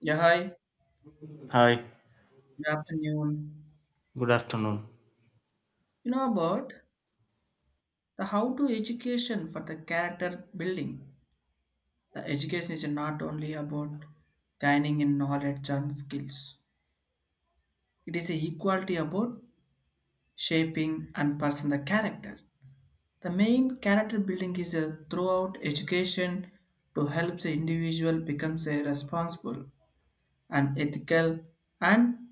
Yeah, hi. Hi, Good afternoon. good afternoon. You know about the how to education for the character building. The education is not only about gaining in knowledge and skills. It is a equality about shaping and person the character. The main character building is a throughout education to help the individual becomes a responsible and ethical and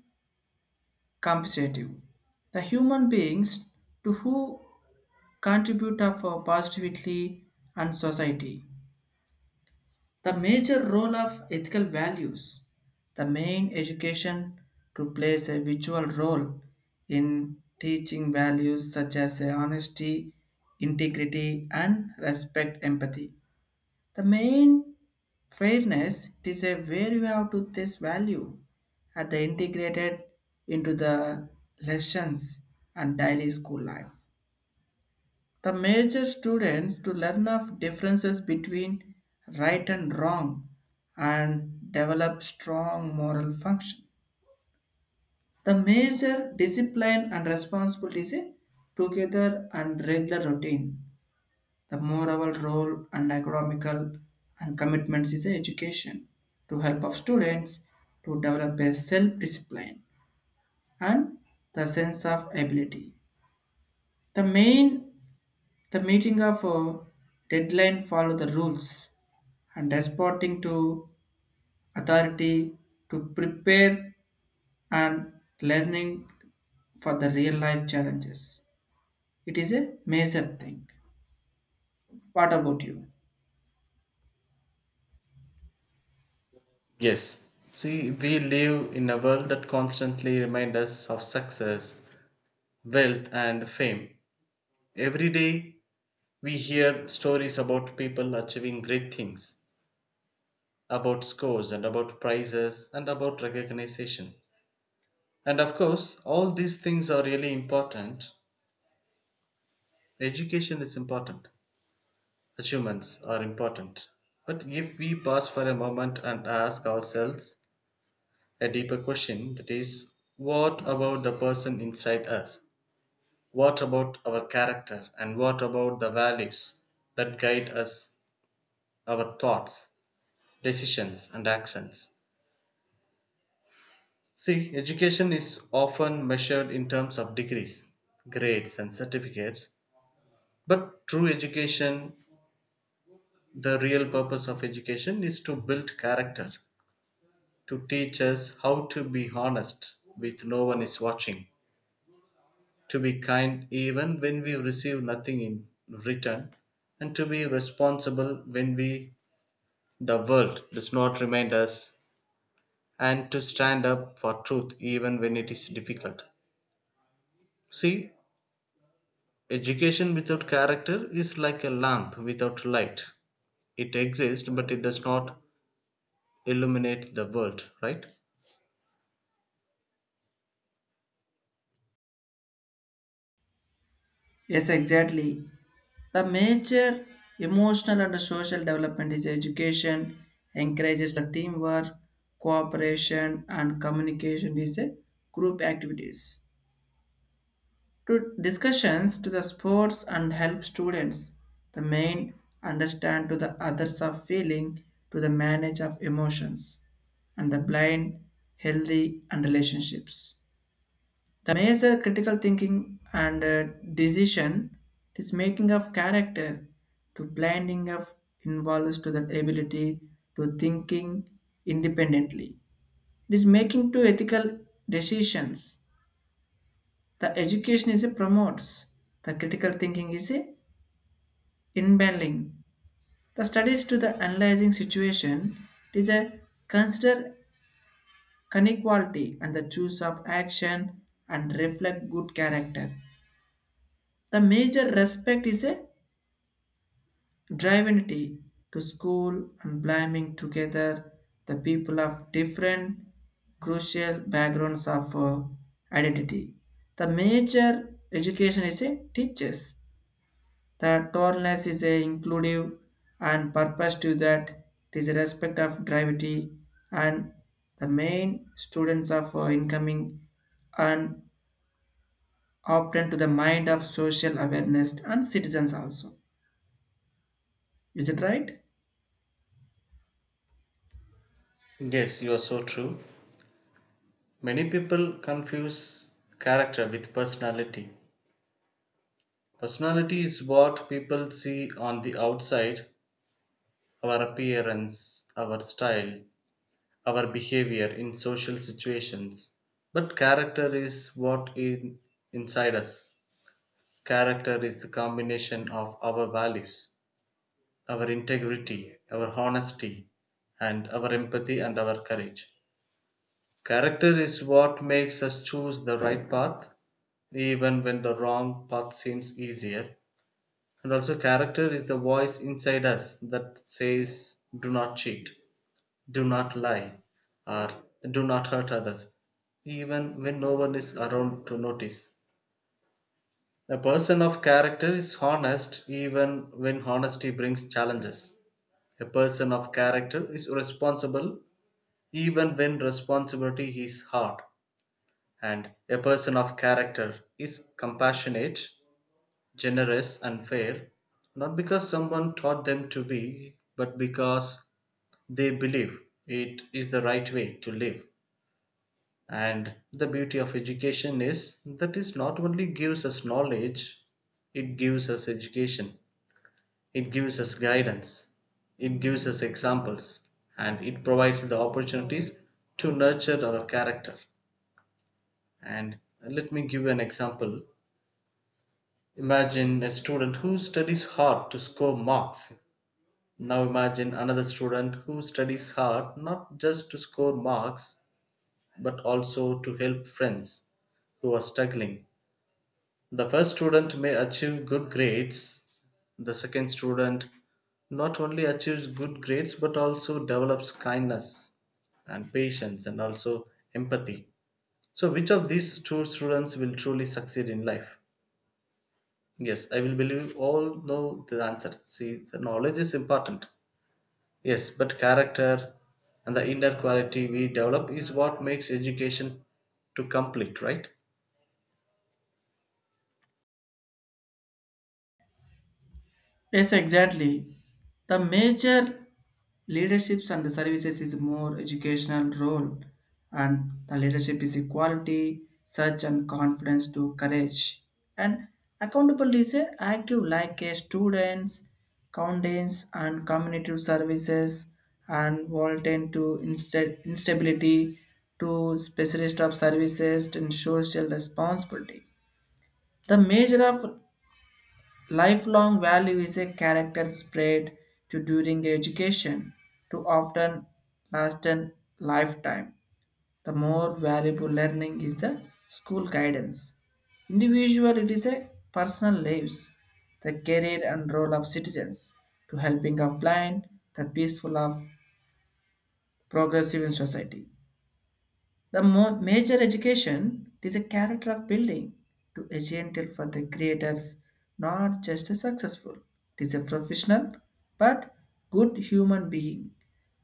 competitive. The human beings to who Contribute contributor for positivity and society. The major role of ethical values, the main education to plays a visual role in teaching values such as honesty, integrity, and respect, empathy. The main fairness it is a where you have to this value at the integrated into the lessons and daily school life. The major students to learn of differences between right and wrong and develop strong moral function. The major discipline and responsibility is a together and regular routine. The moral role and economical and commitments is a education to help of students to develop a self-discipline and the sense of ability. The main the meeting of a deadline follow the rules and responding to authority to prepare and learning for the real life challenges. It is a major thing. What about you? Yes. See, we live in a world that constantly reminds us of success, wealth, and fame. Every day, we hear stories about people achieving great things, about scores, and about prizes, and about recognition. And of course, all these things are really important. Education is important, achievements are important. But if we pause for a moment and ask ourselves, a deeper question, that is, what about the person inside us? What about our character? And what about the values that guide us, our thoughts, decisions, and actions? See, education is often measured in terms of degrees, grades, and certificates. But true education, the real purpose of education is to build character, to teach us how to be honest with no one is watching. To be kind even when we receive nothing in return, and to be responsible when we the world does not remind us, and to stand up for truth even when it is difficult. See, education without character is like a lamp without light. It exists, but it does not illuminate the world, right? Yes, exactly. The major emotional and social development is education, encourages the teamwork, cooperation, and communication is a group activities to discussions to the sports and help students the main understand to the others of feeling to the manage of emotions and the blind healthy and relationships, the major critical thinking and decision is making of character to blinding of involves to the ability to thinking independently, it is making to ethical decisions the education is a promotes. The critical thinking is a inbuilding. The studies to the analyzing situation is a consider inequality and the choice of action and reflect good character. The major respect is a drivenity to school and blaming together the people of different crucial backgrounds of identity. The major education is a teachers. The tolerance is a inclusive and purpose to that it is a respect of gravity and the main students of incoming and open to the mind of social awareness and citizens also. Is it right? Yes, you are so true. Many people confuse character with personality. Personality is what people see on the outside, our appearance, our style, our behavior in social situations. But character is what inside us. Character is the combination of our values, our integrity, our honesty, and our empathy and our courage. Character is what makes us choose the right path, even when the wrong path seems easier. And also, character is the voice inside us that says, "Do not cheat. Do not lie," or "Do not hurt others," even when no one is around to notice. A person of character is honest even when honesty brings challenges. A person of character is responsible even when responsibility is hard. And a person of character is compassionate, generous, and fair, not because someone taught them to be, but because they believe it is the right way to live. And the beauty of education is that it not only gives us knowledge, it gives us education, it gives us guidance, it gives us examples, and it provides the opportunities to nurture our character. And let me give you an example. Imagine a student who studies hard to score marks. Now imagine another student who studies hard not just to score marks but also to help friends who are struggling. The first student may achieve good grades. The second student not only achieves good grades but also develops kindness and patience and also empathy. So, which of these two students will truly succeed in life? Yes, I will believe all know the answer. See, the knowledge is important. Yes, but character and the inner quality we develop is what makes education to complete, right? Yes, exactly. The major leaderships and the services is more educational role and the leadership is equality, search and confidence to courage. And accountability is a active like a students, counties, and community services and volunteer to instability to specialist of services and social responsibility. The measure of lifelong value is a character spread to during education to often last a lifetime. The more valuable learning is the school guidance. Individual it is a personal lives, the career and role of citizens to helping of blind, the peaceful of progressive in society. The major education is a character of building to a gentle for the creators, not just a successful. It is a professional but good human being.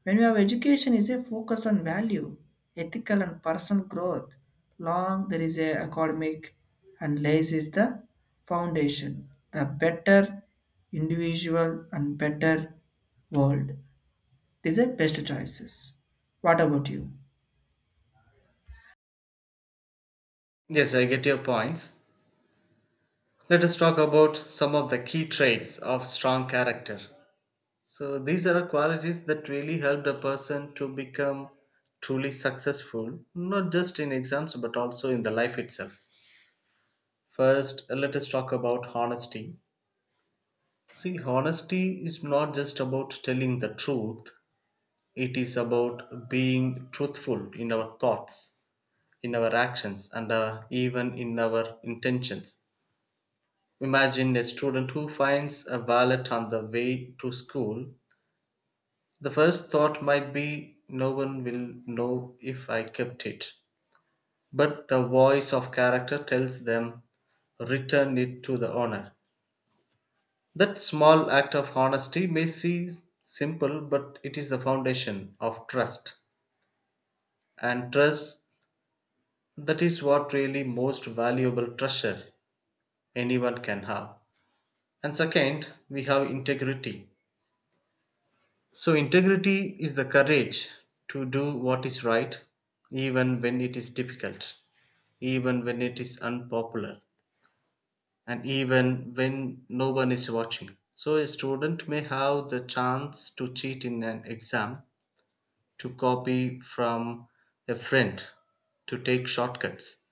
When we have education is a focus on value, ethical and personal growth. Long there is a academic and lays is the foundation. The better individual and better world. These are best choices. What about you? Yes, I get your points. Let us talk about some of the key traits of strong character. So, these are qualities that really helped a person to become truly successful, not just in exams but also in the life itself. First, let us talk about honesty. See, honesty is not just about telling the truth, it is about being truthful in our thoughts, in our actions, and even in our intentions. Imagine a student who finds a wallet on the way to school. The first thought might be, "No one will know if I kept it." But the voice of character tells them, "Return it to the owner." That small act of honesty may seem simple, but it is the foundation of trust. And trust, that is what really most valuable treasure anyone can have. And second, we have integrity. So, integrity is the courage to do what is right, even when it is difficult, even when it is unpopular, and even when no one is watching. So, a student may have the chance to cheat in an exam, to copy from a friend, to take shortcuts.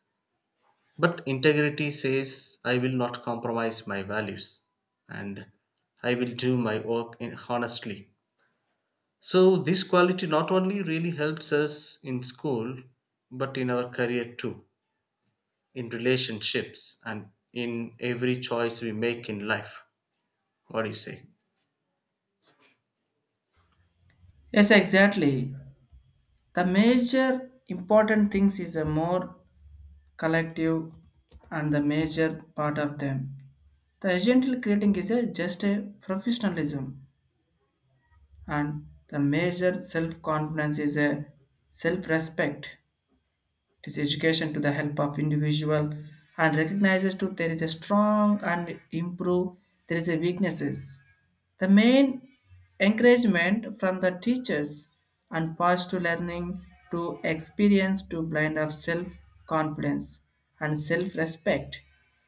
But integrity says, I will not compromise my values and I will do my work honestly. So this quality not only really helps us in school, but in our career too, in relationships and in every choice we make in life. What do you say? Yes, exactly. The major important things is a more collective and the major part of them. The agential creating is a just a professionalism and the major self-confidence is a self-respect, it is education to the help of individual and recognizes to there is a strong and improve there is a weaknesses. The main encouragement from the teachers and positive learning to experience to blind of self confidence and self respect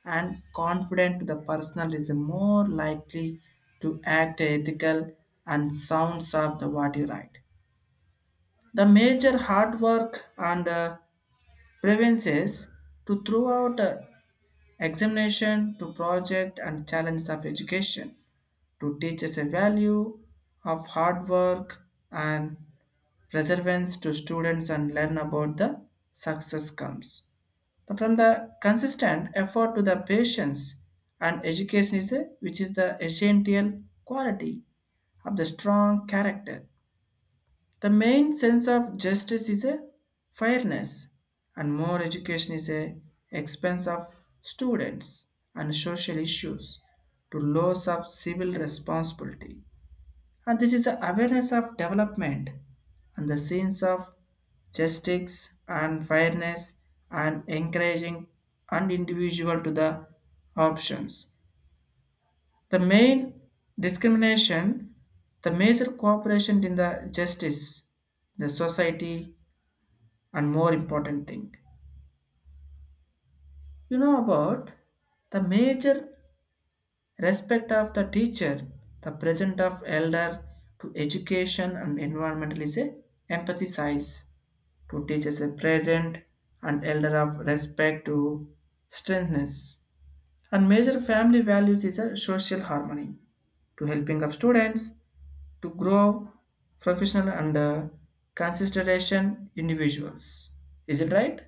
and confident to the personal is more likely to act ethical and sounds of the what you write. The major hard work and preferences to throughout the examination to project and challenge of education to teach us a value of hard work and perseverance to students and learn about the success comes from the consistent effort to the patience and education is a, which is the essential quality of the strong character, the main sense of justice is a fairness, and more education is a expense of students and social issues to laws of civil responsibility. And this is the awareness of development and the sense of justice and fairness and encouraging an individual to the options the main discrimination, the major cooperation in the justice, the society, and more important thing. You know about the major respect of the teacher, the present of elder to education and environmental is a empathy size to teachers a present and elder of respect to strengthness. And major family values is a social harmony to helping of students to grow professional and consideration individuals. Is it right?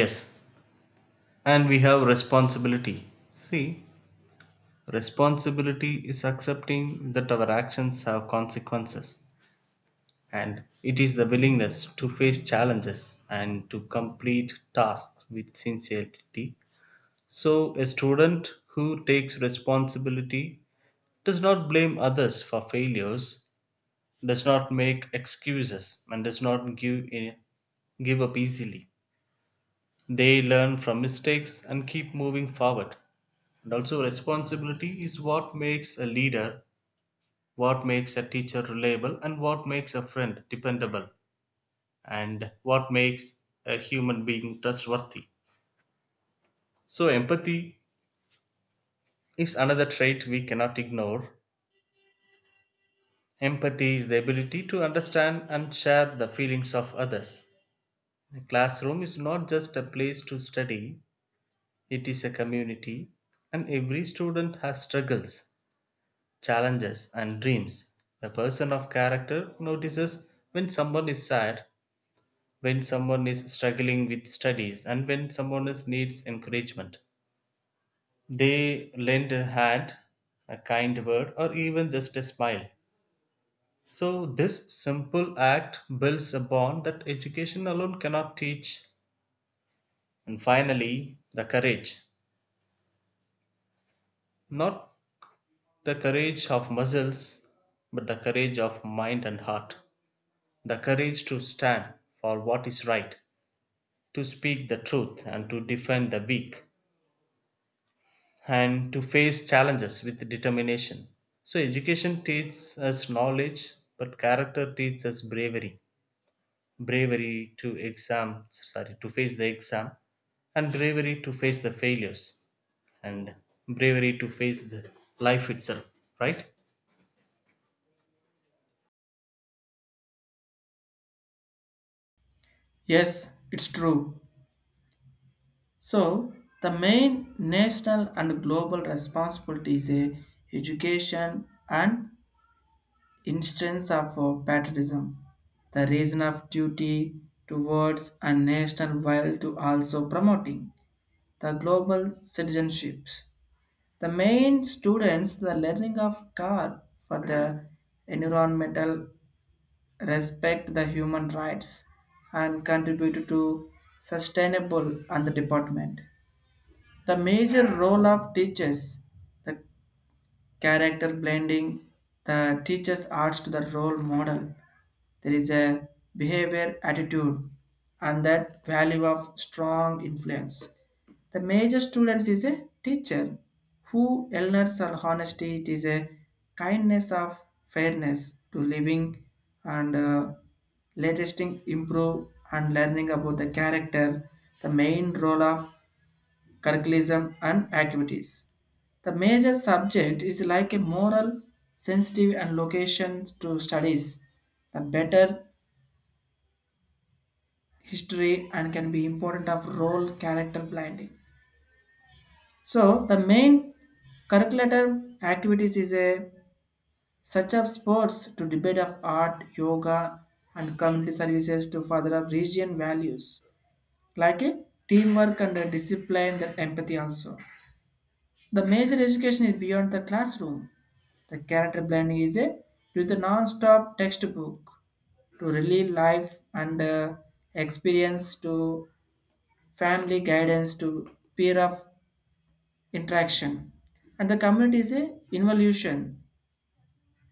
Yes, and we have responsibility. See, responsibility is accepting that our actions have consequences, and it is the willingness to face challenges and to complete tasks with sincerity. So, a student who takes responsibility does not blame others for failures, does not make excuses, and does not give up easily. They learn from mistakes and keep moving forward. And also, responsibility is what makes a leader, what makes a teacher reliable, and what makes a friend dependable, and what makes a human being trustworthy. So, empathy is another trait we cannot ignore. Empathy is the ability to understand and share the feelings of others. A classroom is not just a place to study, it is a community, and every student has struggles, challenges, and dreams. A person of character notices when someone is sad, when someone is struggling with studies, and when someone is needs encouragement. They lend a hand, a kind word, or even just a smile. So, this simple act builds a bond that education alone cannot teach. And finally, the courage. Not the courage of muscles, but the courage of mind and heart. The courage to stand for what is right, to speak the truth and to defend the weak, and to face challenges with determination. So, education teaches us knowledge, but character teaches us bravery. Bravery to exam, sorry, to face the exam, and bravery to face the failures, and bravery to face the life itself, right? Yes, it's true. So the main national and global responsibility is a education and instance of patriotism, the reason of duty towards a national while to also promoting the global citizenships. The main students the learning of care for the environmental respect the human rights and contribute to sustainable and the department. The major role of teachers, the character blending, the teachers adds to the role model there is a behavior attitude and that value of strong influence. The major students is a teacher who learns on honesty. It is a kindness of fairness to living and latest thing improve and learning about the character. The main role of curriculum and activities. The major subject is like a moral, sensitive, and location to studies. The better history and can be important of role character blinding, so the main curriculator activities is a such of sports to debate of art yoga and community services to further up region values like a teamwork and a discipline that empathy also, the major education is beyond the classroom, the character blending is a to the non-stop textbook to really life and experience to family guidance to peer of interaction. And the community is a involution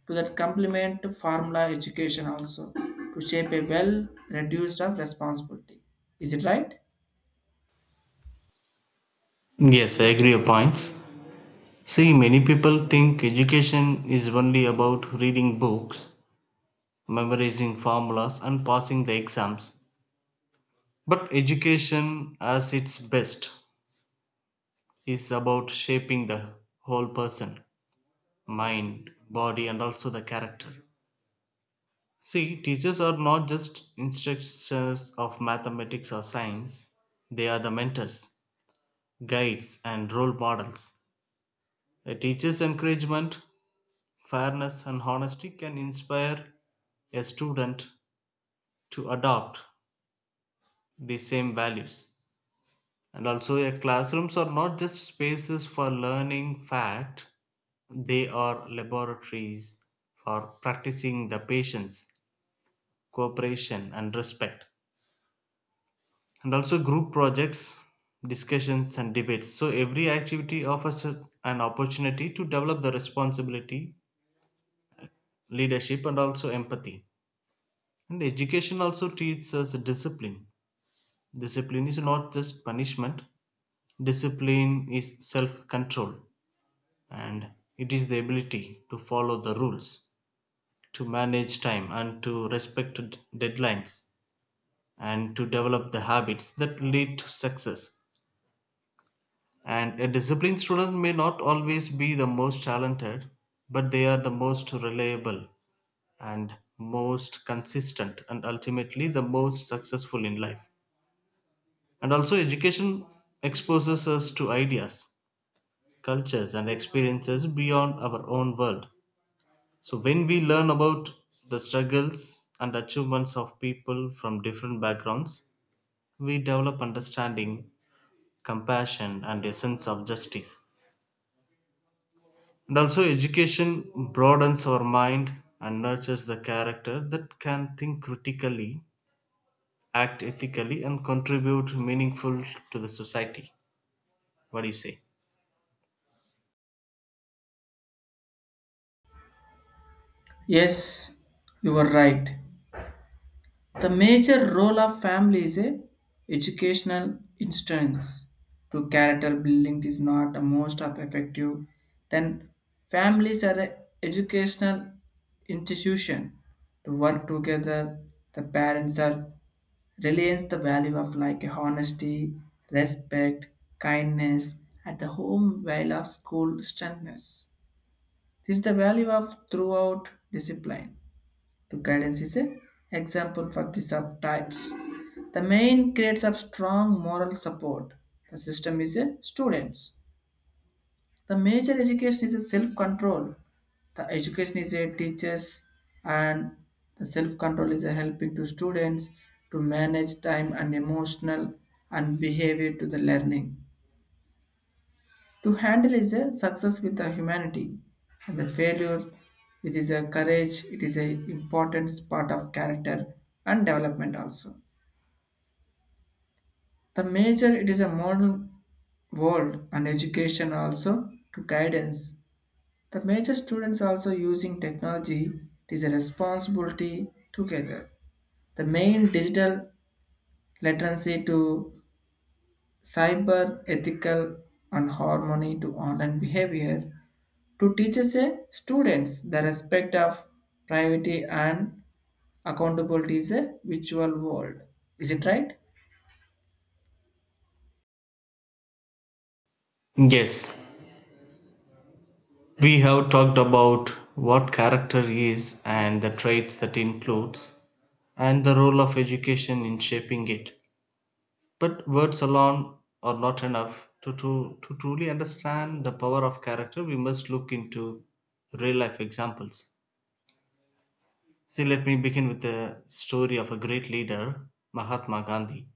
to that complement to formula education also to shape a well reduced of responsibility. Is it right? Yes, I agree your points. See, many people think education is only about reading books, memorizing formulas, and passing the exams. But education, as its best, is about shaping the whole person, mind, body, and also the character. See, teachers are not just instructors of mathematics or science, they are the mentors, guides, and role models. A teacher's encouragement, fairness and honesty can inspire a student to adopt the same values. And also, a classrooms are not just spaces for learning fact, they are laboratories for practicing the patience, cooperation, and respect. And also, group projects, discussions, and debates. So, every activity offers an opportunity to develop the responsibility, leadership, and also empathy. And education also teaches us discipline. Discipline is not just punishment, discipline is self control and it is the ability to follow the rules, to manage time, and to respect deadlines, and to develop the habits that lead to success. And a disciplined student may not always be the most talented, but they are the most reliable and most consistent, and ultimately the most successful in life. And also, education exposes us to ideas, cultures, and experiences beyond our own world. So, when we learn about the struggles and achievements of people from different backgrounds, we develop understanding, compassion, and a sense of justice. And also, education broadens our mind and nurtures the character that can think critically, act ethically, and contribute meaningful to the society. What do you say? Yes, you were right. The major role of family is a educational instance to character building is not the most of effective. Then families are a educational institution to work together. The parents are reliance the value of like honesty, respect, kindness at the home while of school strictness. This is the value of throughout discipline to guidance is an example for the subtypes. The main grades of strong moral support. The system is a students. The major education is a self-control. The education is a teachers and the self-control is a helping to students to manage time and emotional and behavior to the learning. To handle is a success with the humanity, and the failure with is a courage. It is a important part of character and development also. The major it is a modern world and education also to guidance. The major students also using technology. It is a responsibility together. The main digital literacy to cyber ethical and harmony to online behavior to teaches a students the respect of privacy and accountability is a virtual world. Is it right? Yes, we have talked about what character is and the traits that includes and the role of education in shaping it. But words alone are not enough. To truly understand the power of character, we must look into real life examples. See, let me begin with the story of a great leader, Mahatma Gandhi.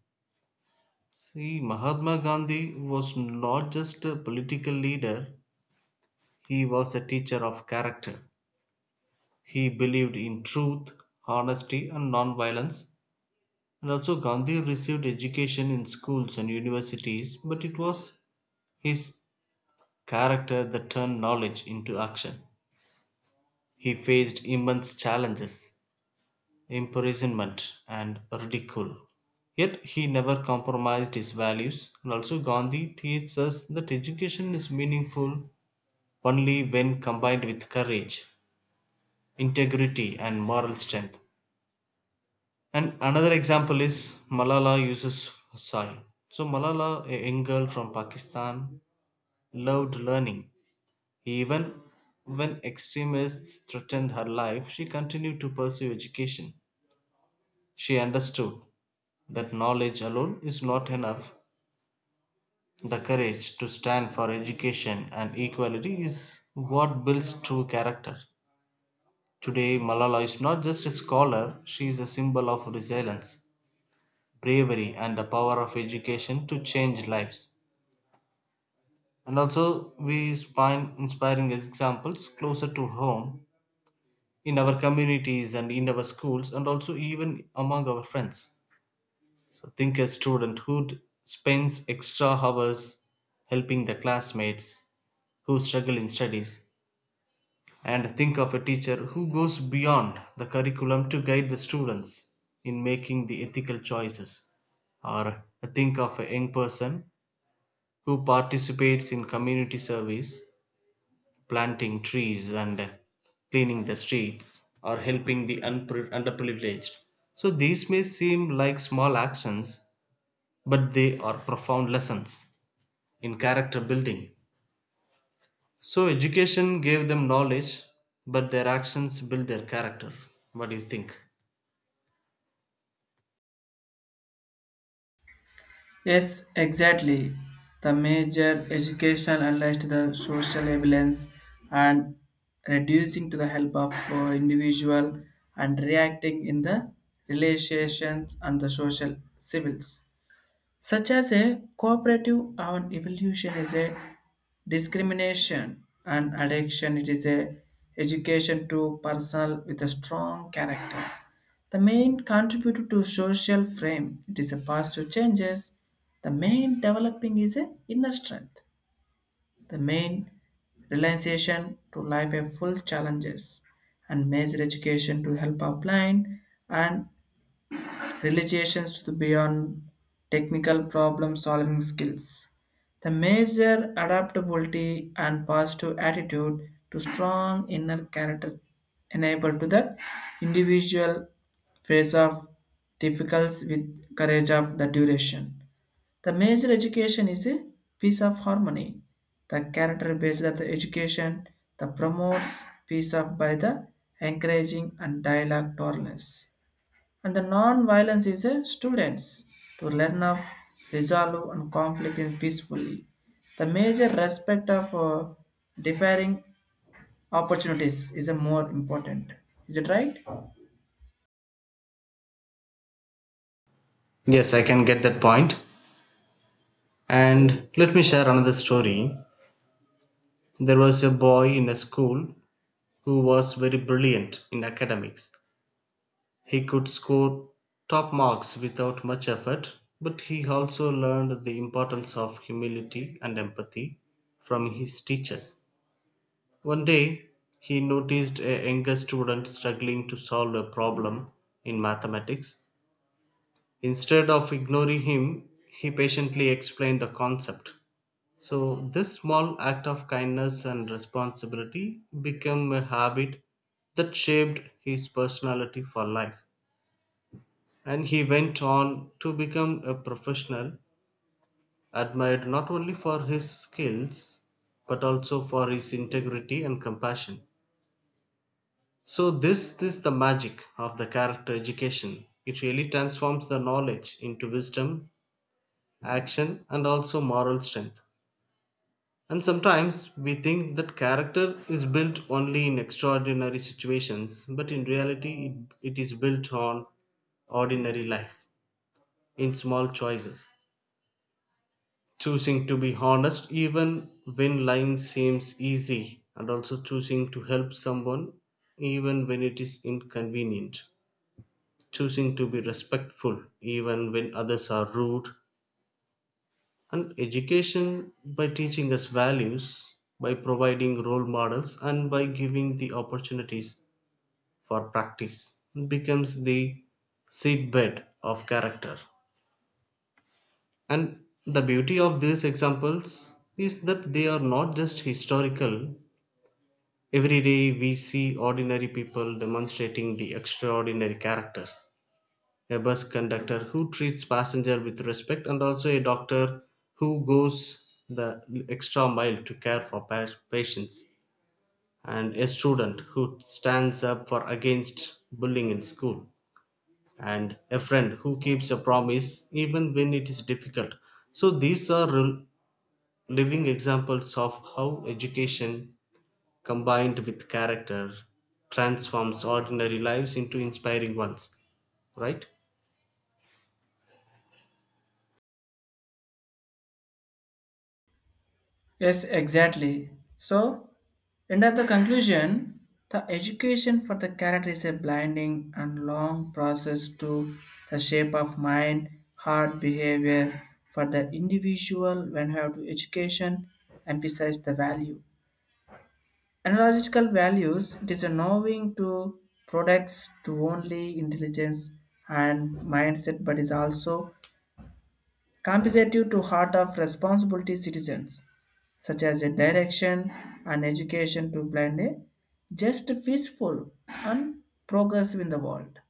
See, Mahatma Gandhi was not just a political leader, he was a teacher of character. He believed in truth, honesty and non-violence, and also Gandhi received education in schools and universities, but it was his character that turned knowledge into action. He faced immense challenges, imprisonment and ridicule. Yet he never compromised his values, and also Gandhi teaches us that education is meaningful only when combined with courage, integrity and moral strength. And another example is Malala uses Yousafzai. So Malala, a young girl from Pakistan, loved learning. Even when extremists threatened her life, she continued to pursue education. She understood that knowledge alone is not enough. The courage to stand for education and equality is what builds true character. Today, Malala is not just a scholar, she is a symbol of resilience, bravery and the power of education to change lives. And also, we find inspiring examples closer to home, in our communities and in our schools, and also even among our friends. So, think a student who spends extra hours helping the classmates who struggle in studies, and think of a teacher who goes beyond the curriculum to guide the students in making the ethical choices, or think of a young person who participates in community service, planting trees and cleaning the streets, or helping the underprivileged. So these may seem like small actions, but they are profound lessons in character building. So education gave them knowledge, but their actions build their character. What do you think? Yes, exactly. The major education unleashed the social evidence and reducing to the help of individual and reacting in the relations and the social civils, such as a cooperative and evolution is a discrimination and addiction, it is a education to personal with a strong character, the main contributor to social frame it is a positive changes, the main developing is a inner strength, the main realization to life a full challenges and major education to help our blind and relations to beyond technical problem solving skills. The major adaptability and positive attitude to strong inner character enable to the individual face of difficulties with courage of the duration. The major education is a piece of harmony. The character based of the education that promotes peace of by the encouraging and dialogue tolerance and the non-violence is a students to learn of resolve and conflict in peacefully. The major respect of differing opportunities is a more important. Is it right? Yes, I can get that point. And let me share another story. There was a boy in a school who was very brilliant in academics. He could score top marks without much effort, but he also learned the importance of humility and empathy from his teachers. One day, he noticed a younger student struggling to solve a problem in mathematics. Instead of ignoring him, he patiently explained the concept. So, this small act of kindness and responsibility became a habit that shaped his personality for life. And he went on to become a professional, admired not only for his skills, but also for his integrity and compassion. So, this is the magic of the character education. It really transforms the knowledge into wisdom, action, and also moral strength. And sometimes we think that character is built only in extraordinary situations, but in reality, it is built on ordinary life, in small choices. Choosing to be honest even when lying seems easy, and also choosing to help someone even when it is inconvenient, choosing to be respectful even when others are rude. And education, by teaching us values, by providing role models and by giving the opportunities for practice, becomes the seedbed of character. And the beauty of these examples is that they are not just historical. Every day we see ordinary people demonstrating the extraordinary characters. A bus conductor who treats passenger with respect, and also a doctor who goes the extra mile to care for patients, and a student who stands up for against bullying in school, and a friend who keeps a promise even when it is difficult. So these are living examples of how education combined with character transforms ordinary lives into inspiring ones, right? Yes, exactly. So, and at the conclusion, the education for the character is a blinding and long process to the shape of mind, heart, behavior. For the individual, when you have to education, emphasize the value. Analogical values it is a knowing to products to only intelligence and mindset, but is also compensative to heart of responsibility citizens, such as a direction and education to plan a just peaceful and progressive in the world.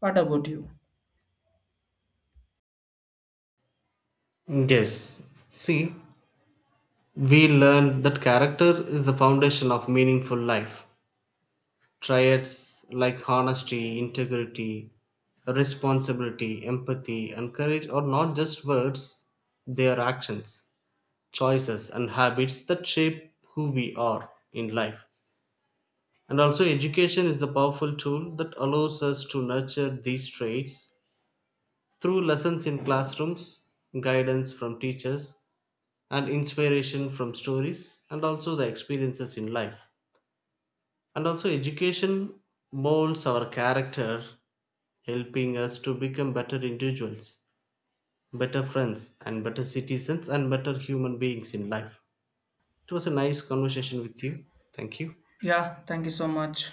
What about you? Yes. See, we learn that character is the foundation of meaningful life. Triads like honesty, integrity, responsibility, empathy and courage are not just words, they are actions, choices and habits that shape who we are in life. And also, education is the powerful tool that allows us to nurture these traits through lessons in classrooms, guidance from teachers, and inspiration from stories, and also the experiences in life. And also, education molds our character, helping us to become better individuals, better friends, and better citizens, and better human beings in life. It was a nice conversation with you. Thank you. Yeah, thank you so much.